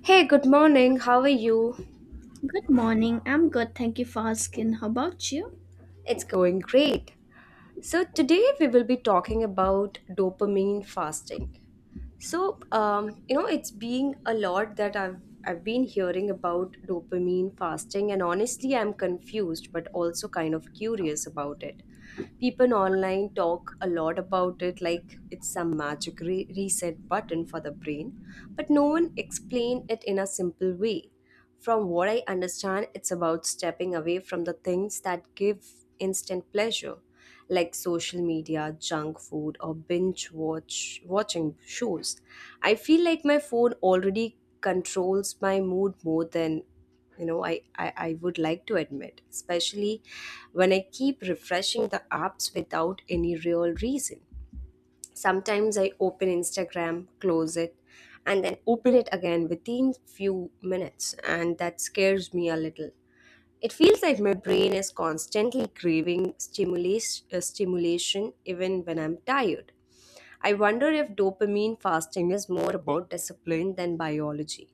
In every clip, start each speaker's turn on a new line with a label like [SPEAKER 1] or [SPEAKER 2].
[SPEAKER 1] Hey, good morning. How are you?
[SPEAKER 2] Good morning. I'm good. Thank you for asking. How about you?
[SPEAKER 1] It's going great. So, today we will be talking about dopamine fasting. It's being a lot that I've been hearing about dopamine fasting, and honestly, I'm confused, but also kind of curious about it. People online talk a lot about it, like it's some magic reset button for the brain, but no one explain it in a simple way. From what I understand, it's about stepping away from the things that give instant pleasure like social media, junk food, or binge watching shows. I feel like my phone already controls my mood more than I would like to admit, especially when I keep refreshing the apps without any real reason. Sometimes I open Instagram, close it, and then open it again within few minutes, and that scares me a little. It feels like my brain is constantly craving stimulation even when I'm tired. I wonder if dopamine fasting is more about discipline than biology.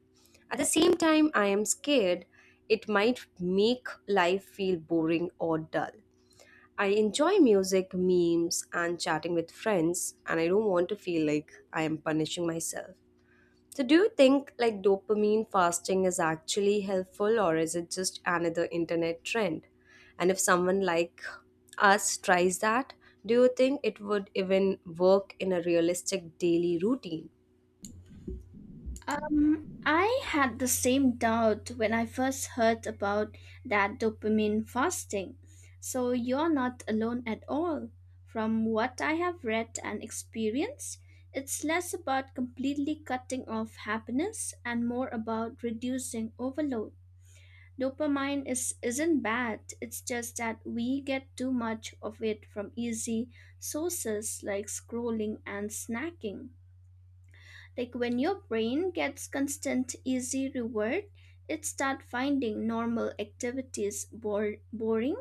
[SPEAKER 1] At the same time, I am scared it might make life feel boring or dull. I enjoy music, memes, and chatting with friends, and I don't want to feel like I am punishing myself. So, do you think like dopamine fasting is actually helpful, or is it just another internet trend? And if someone like us tries that, do you think it would even work in a realistic daily routine?
[SPEAKER 2] I had the same doubt when I first heard about that dopamine fasting. So you're not alone at all. From what I have read and experienced, it's less about completely cutting off happiness and more about reducing overload. Dopamine is isn't bad. It's just that we get too much of it from easy sources like scrolling and snacking. Like when your brain gets constant easy reward, it start finding normal activities boring,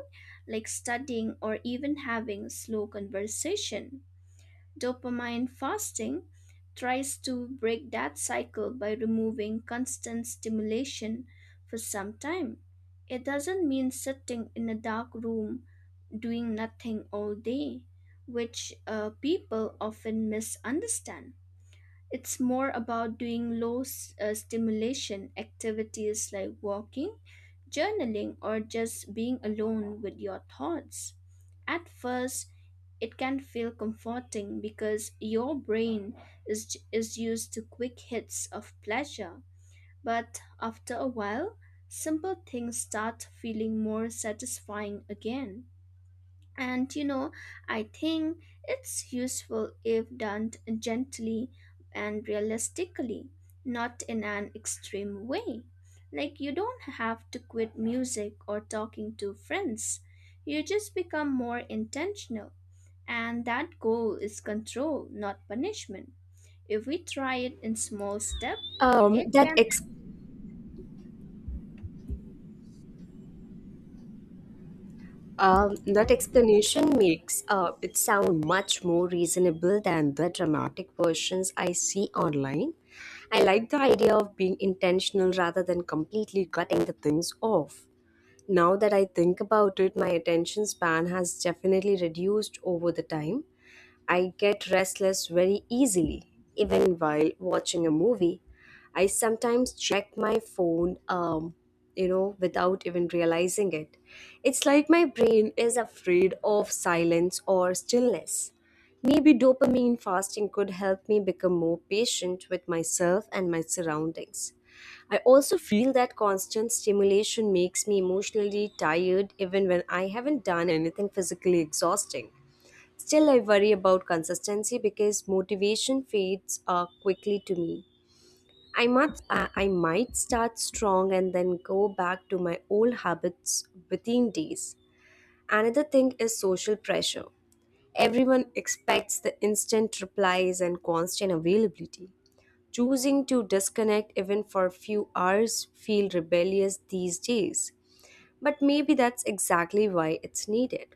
[SPEAKER 2] like studying or even having slow conversation. Dopamine fasting tries to break that cycle by removing constant stimulation for some time. It doesn't mean sitting in a dark room doing nothing all day, which people often misunderstand. It's more about doing low stimulation activities like walking journaling, or just being alone with your thoughts. At first, it can feel comforting because your brain is used to quick hits of pleasure. But after a while, simple things start feeling more satisfying again. And you know, I think it's useful if done gently and realistically, not in an extreme way. Like, you don't have to quit music or talking to friends, you just become more intentional. And that goal is control, not punishment. If we try it in small steps,
[SPEAKER 1] Um,
[SPEAKER 2] it
[SPEAKER 1] that
[SPEAKER 2] can
[SPEAKER 1] ex- that explanation makes it sound much more reasonable than the dramatic versions I see online. I like the idea of being intentional rather than completely cutting the things off. Now that I think about it, my attention span has definitely reduced over the time. I get restless very easily. Even while watching a movie, I sometimes check my phone without even realizing it. It's like my brain is afraid of silence or stillness. Maybe dopamine fasting could help me become more patient with myself and my surroundings. I also feel that constant stimulation makes me emotionally tired even when I haven't done anything physically exhausting. Still, I worry about consistency because motivation fades quickly to me. I might start strong and then go back to my old habits within days. Another thing is social pressure. Everyone expects the instant replies and constant availability. Choosing to disconnect even for a few hours feel rebellious these days. But maybe that's exactly why it's needed.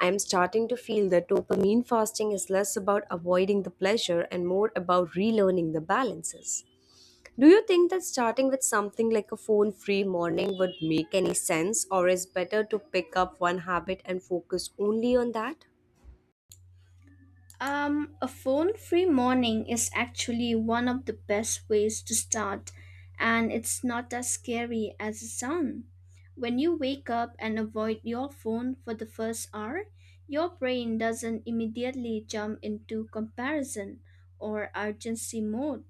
[SPEAKER 1] I'm starting to feel that dopamine fasting is less about avoiding the pleasure and more about relearning the balances. Do you think that starting with something like a phone free morning would make any sense, or is better to pick up one habit and focus only on that?
[SPEAKER 2] A phone free morning is actually one of the best ways to start, and it's not as scary as it sounds. When you wake up and avoid your phone for the first hour, your brain doesn't immediately jump into comparison or urgency mode,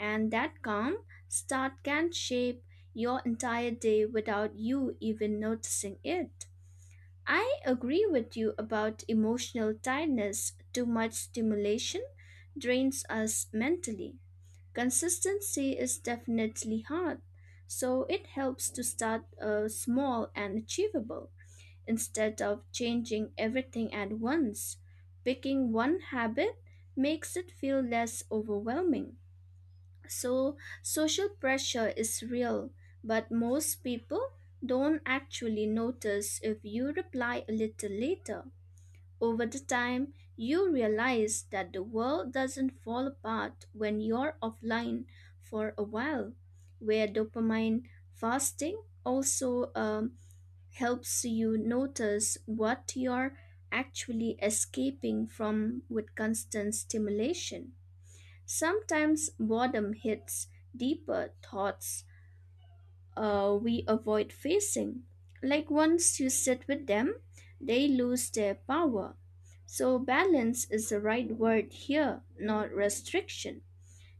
[SPEAKER 2] and that calm start can shape your entire day without you even noticing it. I agree with you about emotional tiredness. Too much stimulation drains us mentally. Consistency is definitely hard, so it helps to start small and achievable instead of changing everything at once. Picking one habit makes it feel less overwhelming. So, social pressure is real, but most people don't actually notice if you reply a little later. Over the time, you realize that the world doesn't fall apart when you're offline for a while, where dopamine fasting also helps you notice what you're actually escaping from with constant stimulation. Sometimes boredom hits deeper thoughts we avoid facing. Like once you sit with them, they lose their power. So, balance is the right word here, not restriction.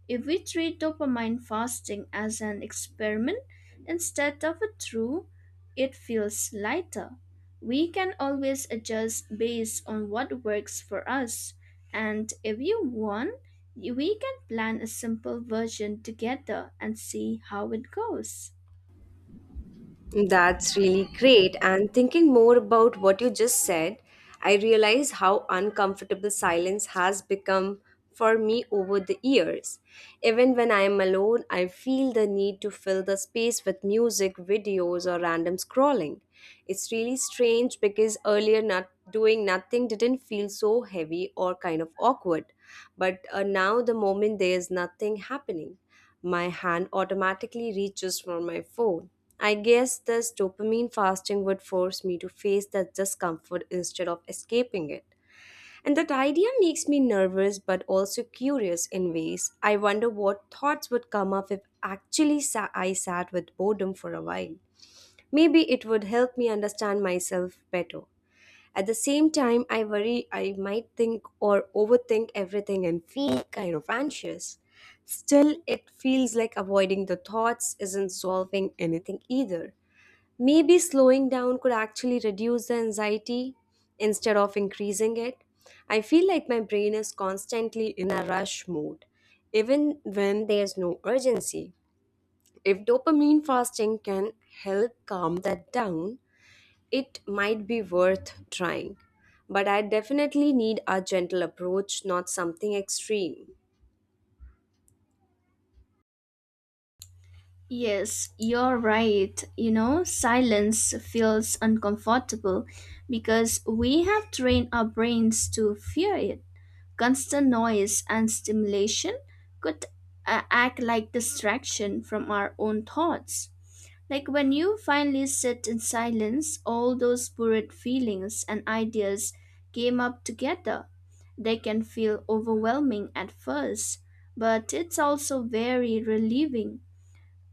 [SPEAKER 2] If we treat dopamine fasting as an experiment instead of a true, it feels lighter. We can always adjust based on what works for us, and if you want, we can plan a simple version together and see how it goes.
[SPEAKER 1] That's really great. And thinking more about what you just said, I realize how uncomfortable silence has become for me over the years. Even when I am alone, I feel the need to fill the space with music, videos, or random scrolling. It's really strange because earlier not doing nothing didn't feel so heavy or kind of awkward. But now the moment there is nothing happening. My hand automatically reaches for my phone. I guess this dopamine fasting would force me to face that discomfort instead of escaping it. And that idea makes me nervous but also curious in ways. I wonder what thoughts would come up if I sat with boredom for a while. Maybe it would help me understand myself better. At the same time, I worry I might think or overthink everything and feel kind of anxious. Still, it feels like avoiding the thoughts isn't solving anything either. Maybe slowing down could actually reduce the anxiety instead of increasing it. I feel like my brain is constantly in a rush mode, even when there's no urgency. If dopamine fasting can help calm that down, it might be worth trying. But I definitely need a gentle approach, not something extreme.
[SPEAKER 2] Yes, you're right. You know, silence feels uncomfortable because we have trained our brains to fear it. Constant noise and stimulation could act like distraction from our own thoughts. Like when you finally sit in silence, all those buried feelings and ideas came up together. They can feel overwhelming at first, but it's also very relieving.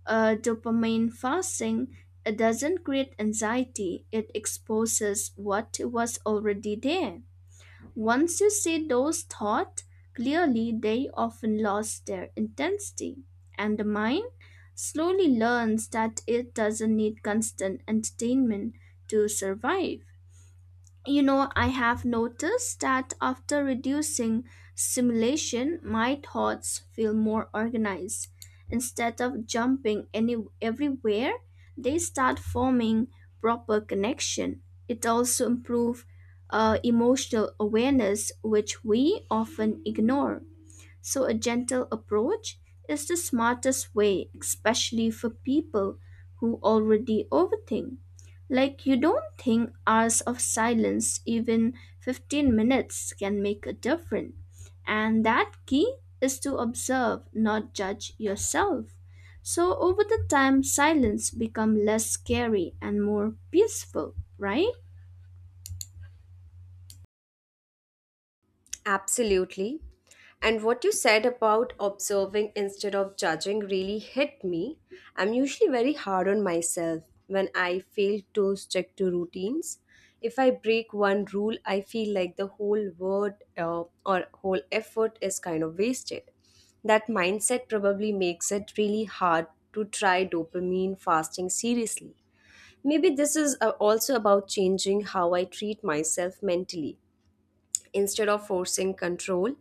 [SPEAKER 2] Dopamine fasting doesn't create anxiety, it exposes what was already there. Once you see those thoughts clearly, they often lost their intensity, and the mind slowly learns that it doesn't need constant entertainment to survive. You know, I have noticed that after reducing simulation, my thoughts feel more organized. Instead of jumping any everywhere, they start forming proper connection. It also improves emotional awareness, which we often ignore. So, a gentle approach is the smartest way, especially for people who already overthink. Like, you don't think hours of silence, even 15 minutes, can make a difference. And that key is to observe, not judge yourself. So, over the time, silence become less scary and more peaceful, right?
[SPEAKER 1] Absolutely. And what you said about observing instead of judging really hit me. I'm usually very hard on myself when I fail to stick to routines. If I break one rule, I feel like the whole word or whole effort is kind of wasted. That mindset probably makes it really hard to try dopamine fasting seriously. Maybe this is also about changing how I treat myself mentally instead of forcing control.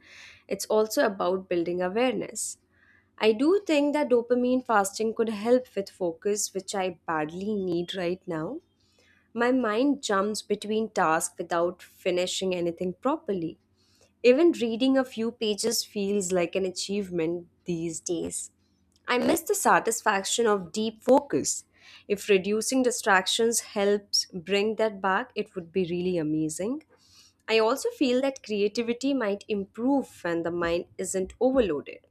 [SPEAKER 1] It's also about building awareness. I do think that dopamine fasting could help with focus, which I badly need right now. My mind jumps between tasks without finishing anything properly. Even reading a few pages feels like an achievement these days. I miss the satisfaction of deep focus. If reducing distractions helps bring that back, it would be really amazing. I also feel that creativity might improve when the mind isn't overloaded.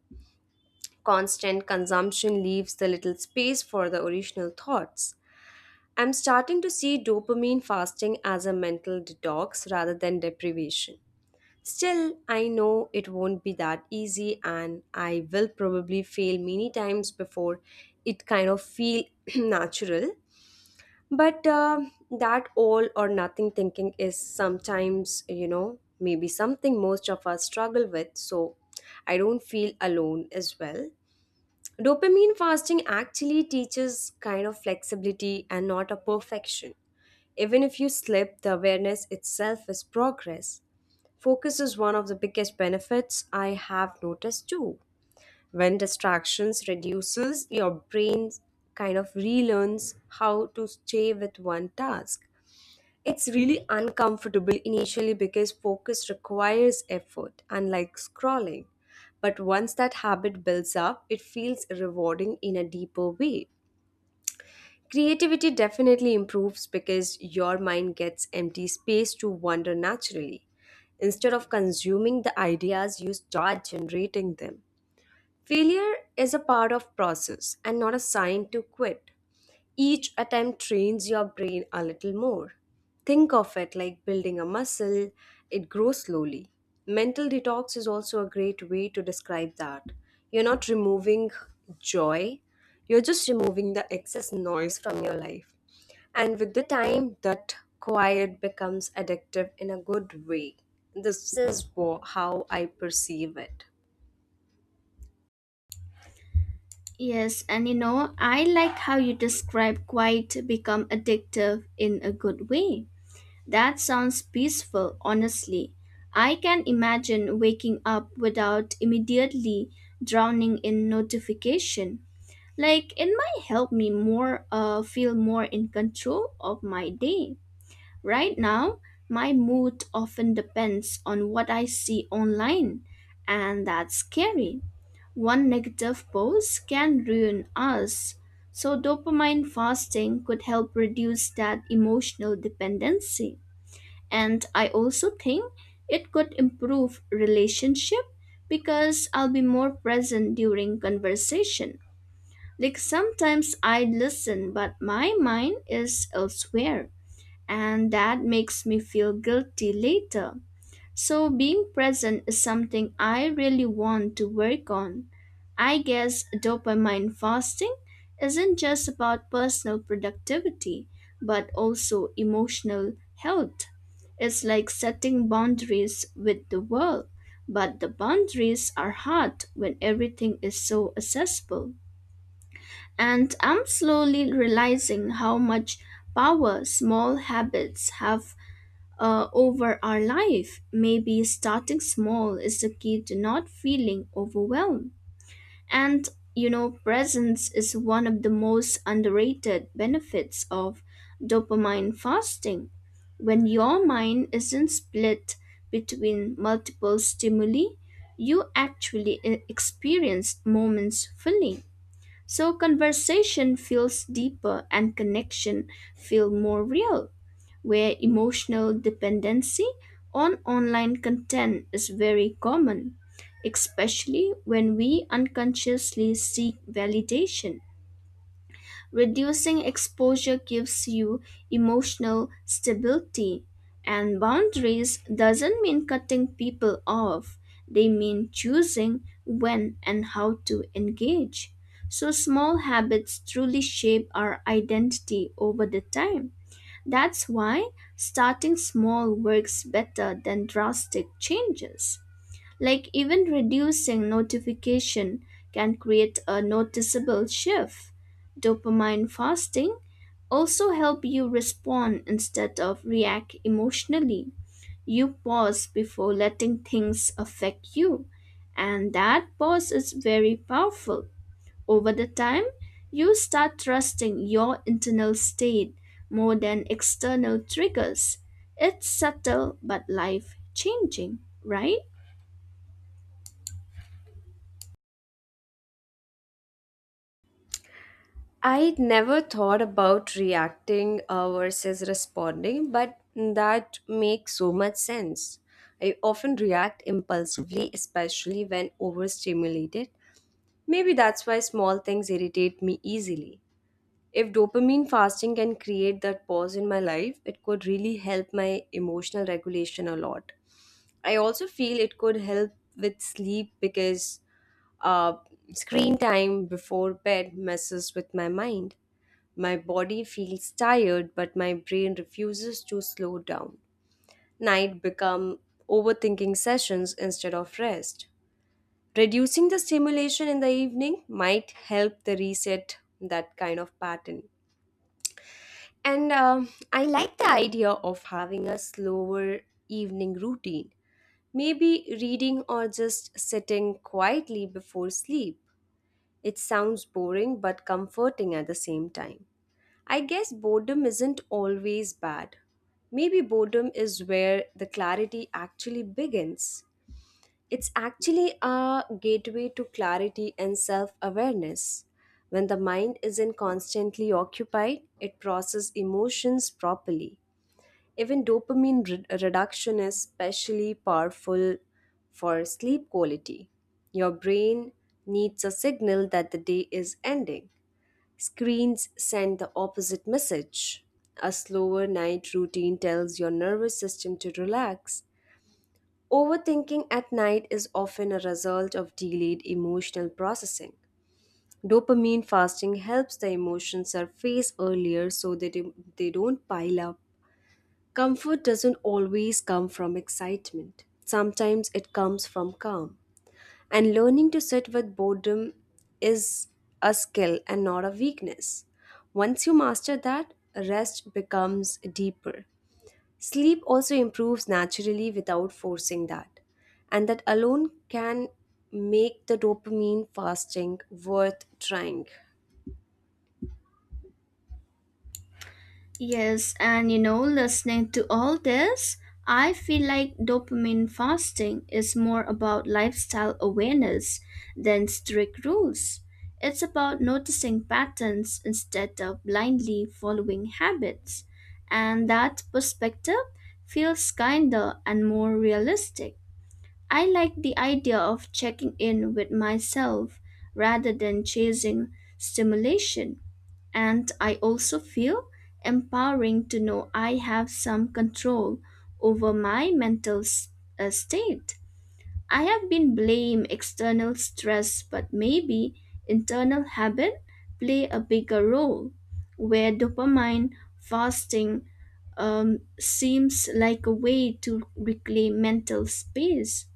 [SPEAKER 1] Constant consumption leaves the little space for the original thoughts. I'm starting to see dopamine fasting as a mental detox rather than deprivation. Still, I know it won't be that easy and I will probably fail many times before it kind of feel natural, but that all or nothing thinking is sometimes, you know, maybe something most of us struggle with. So I don't feel alone as well. Dopamine fasting actually teaches kind of flexibility and not a perfection. Even if you slip, the awareness itself is progress. Focus is one of the biggest benefits I have noticed too. When distractions reduces, your brain kind of relearns how to stay with one task. It's really uncomfortable initially because focus requires effort unlike scrolling, but once that habit builds up it feels rewarding in a deeper way. Creativity definitely improves because your mind gets empty space to wander naturally. Instead of consuming the ideas, you start generating them. Failure is a part of process and not a sign to quit. Each attempt trains your brain a little more. Think of it like building a muscle, it grows slowly. Mental detox is also a great way to describe that. You're not removing joy, you're just removing the excess noise from your life. And with the time, that quiet becomes addictive in a good way. How I perceive it.
[SPEAKER 2] Yes, and you know, I like how you describe quiet become addictive in a good way. That sounds peaceful, honestly. I can imagine waking up without immediately drowning in notification. Like it might help me more feel more in control of my day. Right now, my mood often depends on what I see online, and that's scary. One negative post can ruin us. So dopamine fasting could help reduce that emotional dependency and I also think it could improve relationship because I'll be more present during conversation like sometimes I listen but my mind is elsewhere and that makes me feel guilty later so, being present is something I really want to work on. I guess dopamine fasting isn't just about personal productivity, but also emotional health. It's like setting boundaries with the world, but the boundaries are hard when everything is so accessible. And I'm slowly realizing how much power small habits have over our life. Maybe starting small is the key to not feeling overwhelmed. And you know, presence is one of the most underrated benefits of dopamine fasting. When your mind isn't split between multiple stimuli, you actually experience moments fully. So conversation feels deeper and connection feel more real where emotional dependency on online content is very common, especially when we unconsciously seek validation. Reducing exposure gives you emotional stability, and boundaries doesn't mean cutting people off. They mean choosing when and how to engage. So small habits truly shape our identity over the time. That's why starting small works better than drastic changes. Like even reducing notification can create a noticeable shift. Dopamine fasting also help you respond instead of react emotionally. You pause before letting things affect you, and that pause is very powerful. Over the time, you start trusting your internal state more than external triggers. It's subtle but life changing, right?
[SPEAKER 1] I never thought about reacting versus responding, but that makes so much sense. I often react impulsively, especially when overstimulated. Maybe that's why small things irritate me easily. If dopamine fasting can create that pause in my life, it could really help my emotional regulation a lot. I also feel it could help with sleep because uh, screen time before bed messes with my mind. My body feels tired, but my brain refuses to slow down. Night become overthinking sessions instead of rest. Reducing the stimulation in the evening might help the reset that kind of pattern. And I like the idea of having a slower evening routine. Maybe reading or just sitting quietly before sleep. It sounds boring but comforting at the same time. I guess boredom isn't always bad. Maybe boredom is where the clarity actually begins. It's actually a gateway to clarity and self awareness. When the mind isn't constantly occupied, it processes emotions properly. Even dopamine reduction is especially powerful for sleep quality. Your brain needs a signal that the day is ending. Screens send the opposite message. A slower night routine tells your nervous system to relax. Overthinking at night is often a result of delayed emotional processing. Dopamine fasting helps the emotions surface earlier so that they don't pile up. Comfort doesn't always come from excitement, sometimes it comes from calm. And learning to sit with boredom is a skill and not a weakness. Once you master that, rest becomes deeper. Sleep also improves naturally without forcing that. And that alone can make the dopamine fasting worth trying.
[SPEAKER 2] Yes, and you know, listening to all this, I feel like dopamine fasting is more about lifestyle awareness than strict rules. It's about noticing patterns instead of blindly following habits, and that perspective feels kinder and more realistic. I like the idea of checking in with myself rather than chasing stimulation and I also feel empowering to know I have some control over my mental state. I have been blamed external stress, but maybe internal habit play a bigger role, where dopamine fasting seems like a way to reclaim mental space.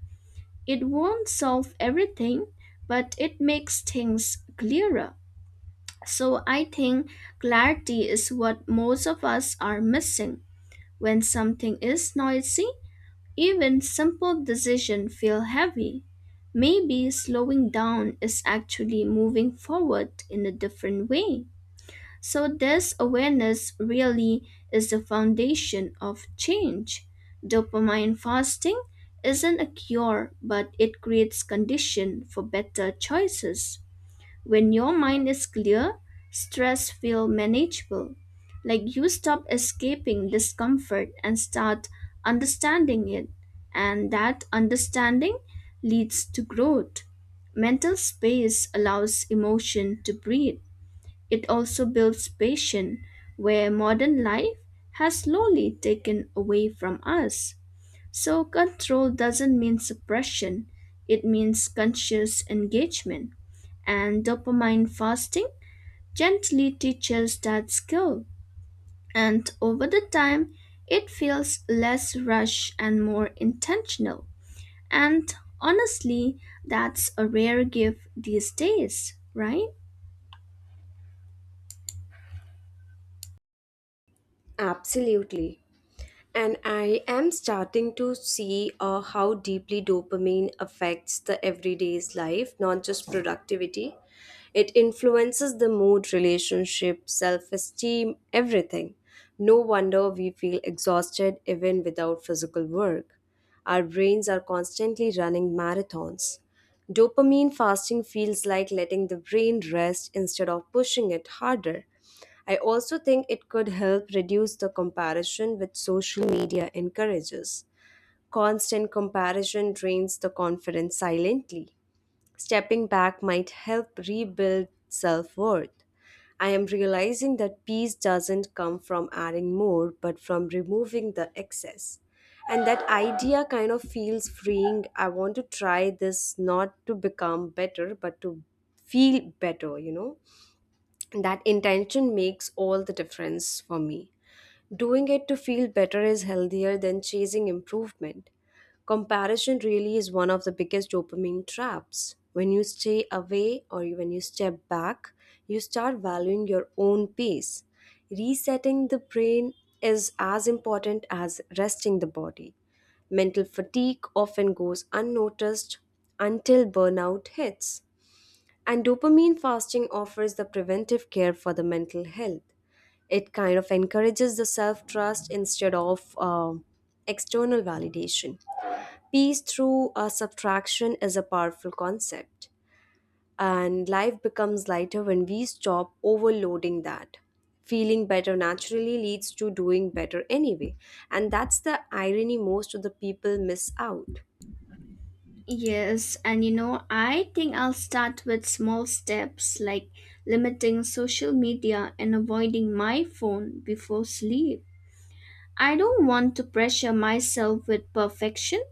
[SPEAKER 2] It won't solve everything, but it makes things clearer. So I think clarity is what most of us are missing. When something is noisy, even simple decisions feel heavy. Maybe slowing down is actually moving forward in a different way. So this awareness really is the foundation of change. Dopamine fasting isn't a cure, but it creates condition for better choices. When your mind is clear, stress feels manageable. Like you stop escaping discomfort and start understanding it. And that understanding leads to growth. Mental space allows emotion to breathe. It also builds patience, where modern life has slowly taken away from us. So, control doesn't mean suppression, it means conscious engagement. And dopamine fasting gently teaches that skill. And over the time, it feels less rushed and more intentional. And honestly, that's a rare gift these days, right?
[SPEAKER 1] Absolutely. And I am starting to see how deeply dopamine affects the everyday's life, not just productivity. It influences the mood, relationship, self esteem, everything. No wonder we feel exhausted even without physical work. Our brains are constantly running marathons. Dopamine fasting feels like letting the brain rest instead of pushing it harder. I also think it could help reduce the comparison which social media encourages. Constant comparison drains the confidence silently. Stepping back might help rebuild self worth. I am realizing that peace doesn't come from adding more, but from removing the excess. And that idea kind of feels freeing. I want to try this not to become better, but to feel better, you know? That intention makes all the difference for me. Doing it to feel better is healthier than chasing improvement. Comparison really is one of the biggest dopamine traps. When you stay away or when you step back, you start valuing your own pace. Resetting the brain is as important as resting the body. Mental fatigue often goes unnoticed until burnout hits. And dopamine fasting offers the preventive care for the mental health. It kind of encourages the self trust instead of external validation. Peace through a subtraction is a powerful concept, and life becomes lighter when we stop overloading that. Feeling better naturally leads to doing better anyway, and that's the irony most of the people miss out.
[SPEAKER 2] Yes, and you know, I think I'll start with small steps like limiting social media and avoiding my phone before sleep. I don't want to pressure myself with perfection.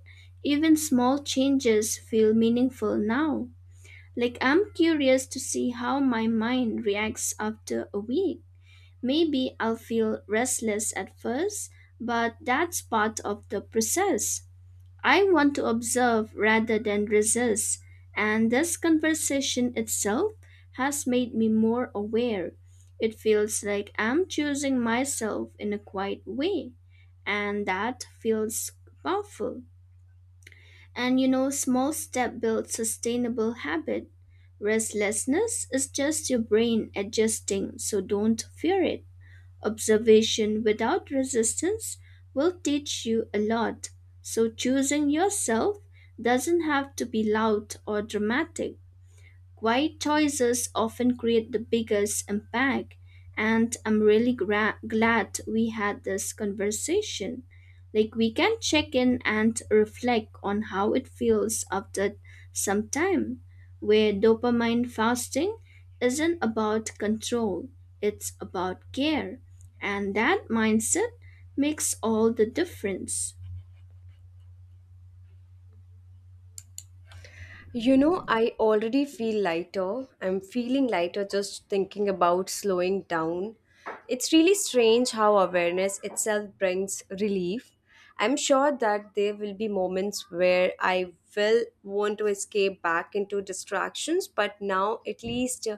[SPEAKER 2] Even small changes feel meaningful now. Like I'm curious to see how my mind reacts after a week. Maybe I'll feel restless at first, but that's part of the process. I want to observe rather than resist, and this conversation itself has made me more aware. It feels like I'm choosing myself in a quiet way, and that feels powerful. And you know, small step builds sustainable habit. Restlessness is just your brain adjusting, so don't fear it. Observation without resistance will teach you a lot, so choosing yourself doesn't have to be loud or dramatic. Quiet choices often create the biggest impact, and I'm really glad we had this conversation. Like, we can check in and reflect on how it feels after some time, where dopamine fasting isn't about control, it's about care, and that mindset makes all the difference.
[SPEAKER 1] You know, I already feel lighter. I'm feeling lighter just thinking about slowing down. It's really strange how awareness itself brings relief. I'm sure that there will be moments where I will want to escape back into distractions, but now at least uh,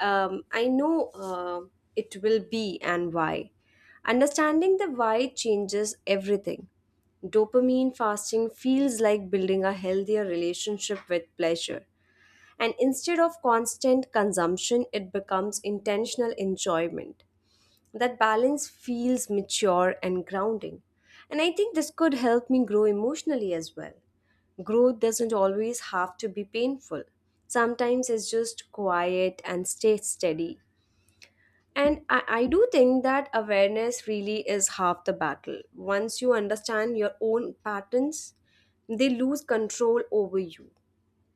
[SPEAKER 1] um, I know it will be and why. Understanding the why changes everything. Dopamine fasting feels like building a healthier relationship with pleasure. And instead of constant consumption, it becomes intentional enjoyment. That balance feels mature and grounding. And I think this could help me grow emotionally as well. Growth doesn't always have to be painful, sometimes it's just quiet and stay steady. And I do think that awareness really is half the battle. Once you understand your own patterns, they lose control over you.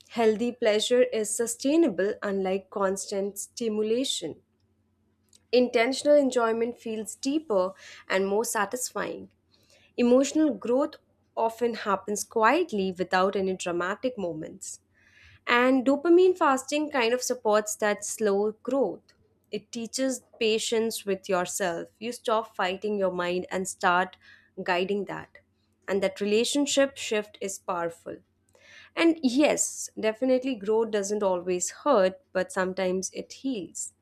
[SPEAKER 1] Healthy pleasure is sustainable, unlike constant stimulation. Intentional enjoyment feels deeper and more satisfying. Emotional growth often happens quietly without any dramatic moments. And dopamine fasting kind of supports that slow growth. It teaches patience with yourself. You stop fighting your mind and start guiding that. And that relationship shift is powerful. And yes, definitely growth doesn't always hurt, but sometimes it heals.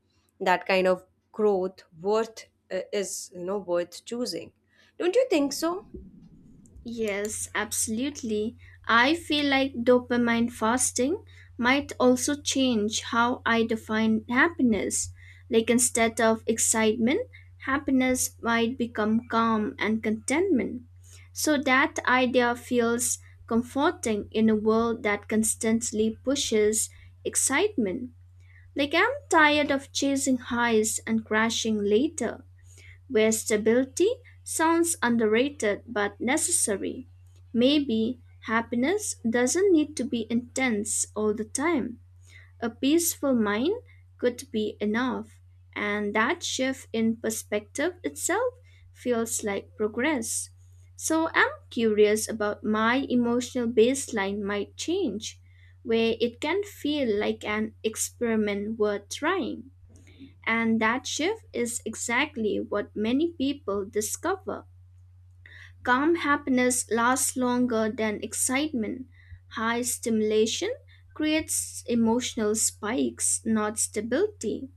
[SPEAKER 1] That kind of growth worth is, you know, worth choosing. Don't you think so?
[SPEAKER 2] Yes, absolutely. I feel like dopamine fasting might also change how I define happiness. Like instead of excitement, happiness might become calm and contentment. So that idea feels comforting in a world that constantly pushes excitement. Like I'm tired of chasing highs and crashing later where stability sounds underrated but necessary. Maybe happiness doesn't need to be intense all the time. A peaceful mind could be enough, and that shift in perspective itself feels like progress. So I'm curious about my emotional baseline might change, where it can feel like an experiment worth trying. And that shift is exactly what many people discover. Calm happiness lasts longer than excitement. High stimulation creates emotional spikes, not stability.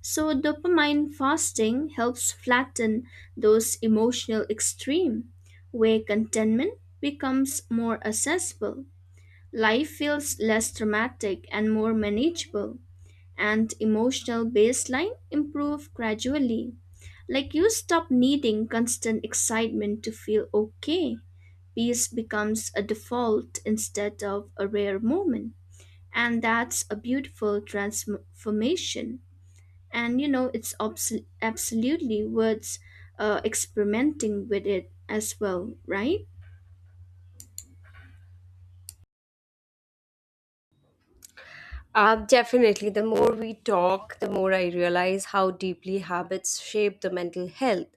[SPEAKER 2] So, dopamine fasting helps flatten those emotional extremes, where contentment becomes more accessible. Life feels less dramatic and more manageable and emotional baseline improve gradually. Like you stop needing constant excitement to feel okay. Peace becomes a default instead of a rare moment. And that's a beautiful transformation. And you know, it's absolutely worth experimenting with it as well, right?
[SPEAKER 1] Definitely, the more we talk, the more I realize how deeply habits shape the mental health.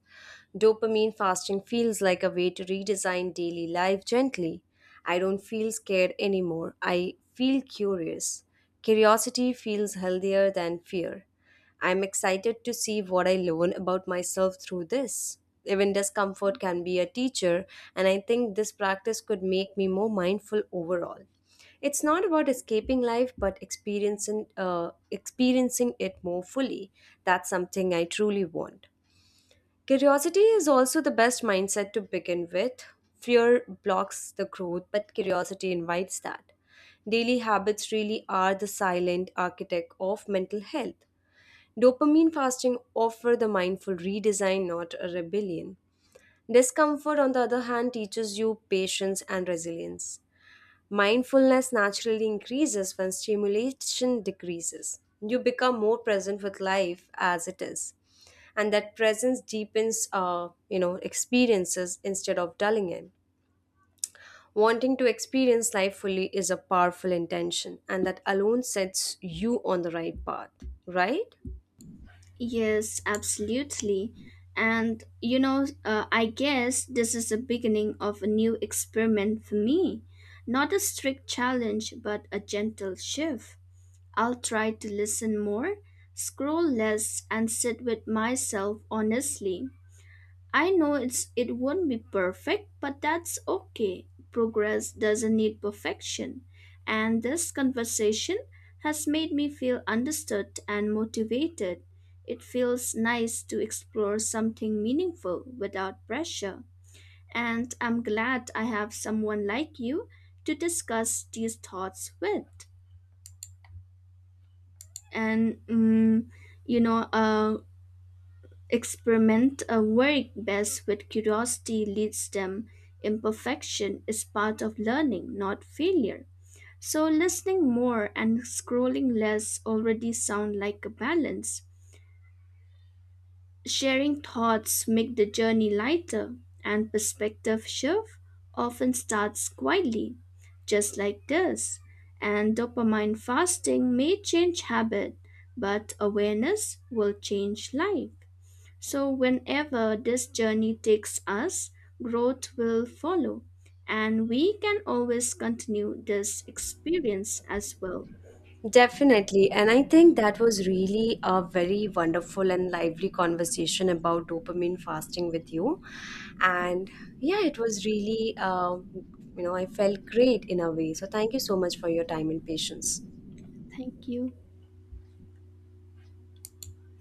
[SPEAKER 1] Dopamine fasting feels like a way to redesign daily life gently. I don't feel scared anymore. I feel curious. Curiosity feels healthier than fear. I'm excited to see what I learn about myself through this. Even discomfort can be a teacher, and I think this practice could make me more mindful overall. It's not about escaping life, but experiencing it more fully. That's something I truly want. Curiosity is also the best mindset to begin with. Fear blocks the growth, but curiosity invites that. Daily habits really are the silent architect of mental health. Dopamine fasting offer the mindful redesign, not a rebellion. Discomfort, on the other hand, teaches you patience and resilience. Mindfulness naturally increases when stimulation decreases. You become more present with life as it is, and that presence deepens experiences instead of dulling it. Wanting to experience life fully is a powerful intention, and that alone sets you on the right path, right?
[SPEAKER 2] Yes, absolutely. And you know, I guess this is the beginning of a new experiment for me. Not a strict challenge, but a gentle shift. I'll try to listen more, scroll less, and sit with myself honestly. I know it won't be perfect, but that's okay. Progress doesn't need perfection. And this conversation has made me feel understood and motivated. It feels nice to explore something meaningful without pressure. And I'm glad I have someone like you to discuss these thoughts with. And you know, experiment work best with curiosity leads them. Imperfection is part of learning, not failure. So listening more and scrolling less already sound like a balance. Sharing thoughts make the journey lighter and perspective shift often starts quietly, just like this. And dopamine fasting may change habit, but awareness will change life. So, whenever this journey takes us, growth will follow, and we can always continue this experience as well.
[SPEAKER 1] Definitely. And I think that was really a very wonderful and lively conversation about dopamine fasting with you. And yeah, it was really, I felt great in a way. So thank you so much for your time and patience.
[SPEAKER 2] Thank you.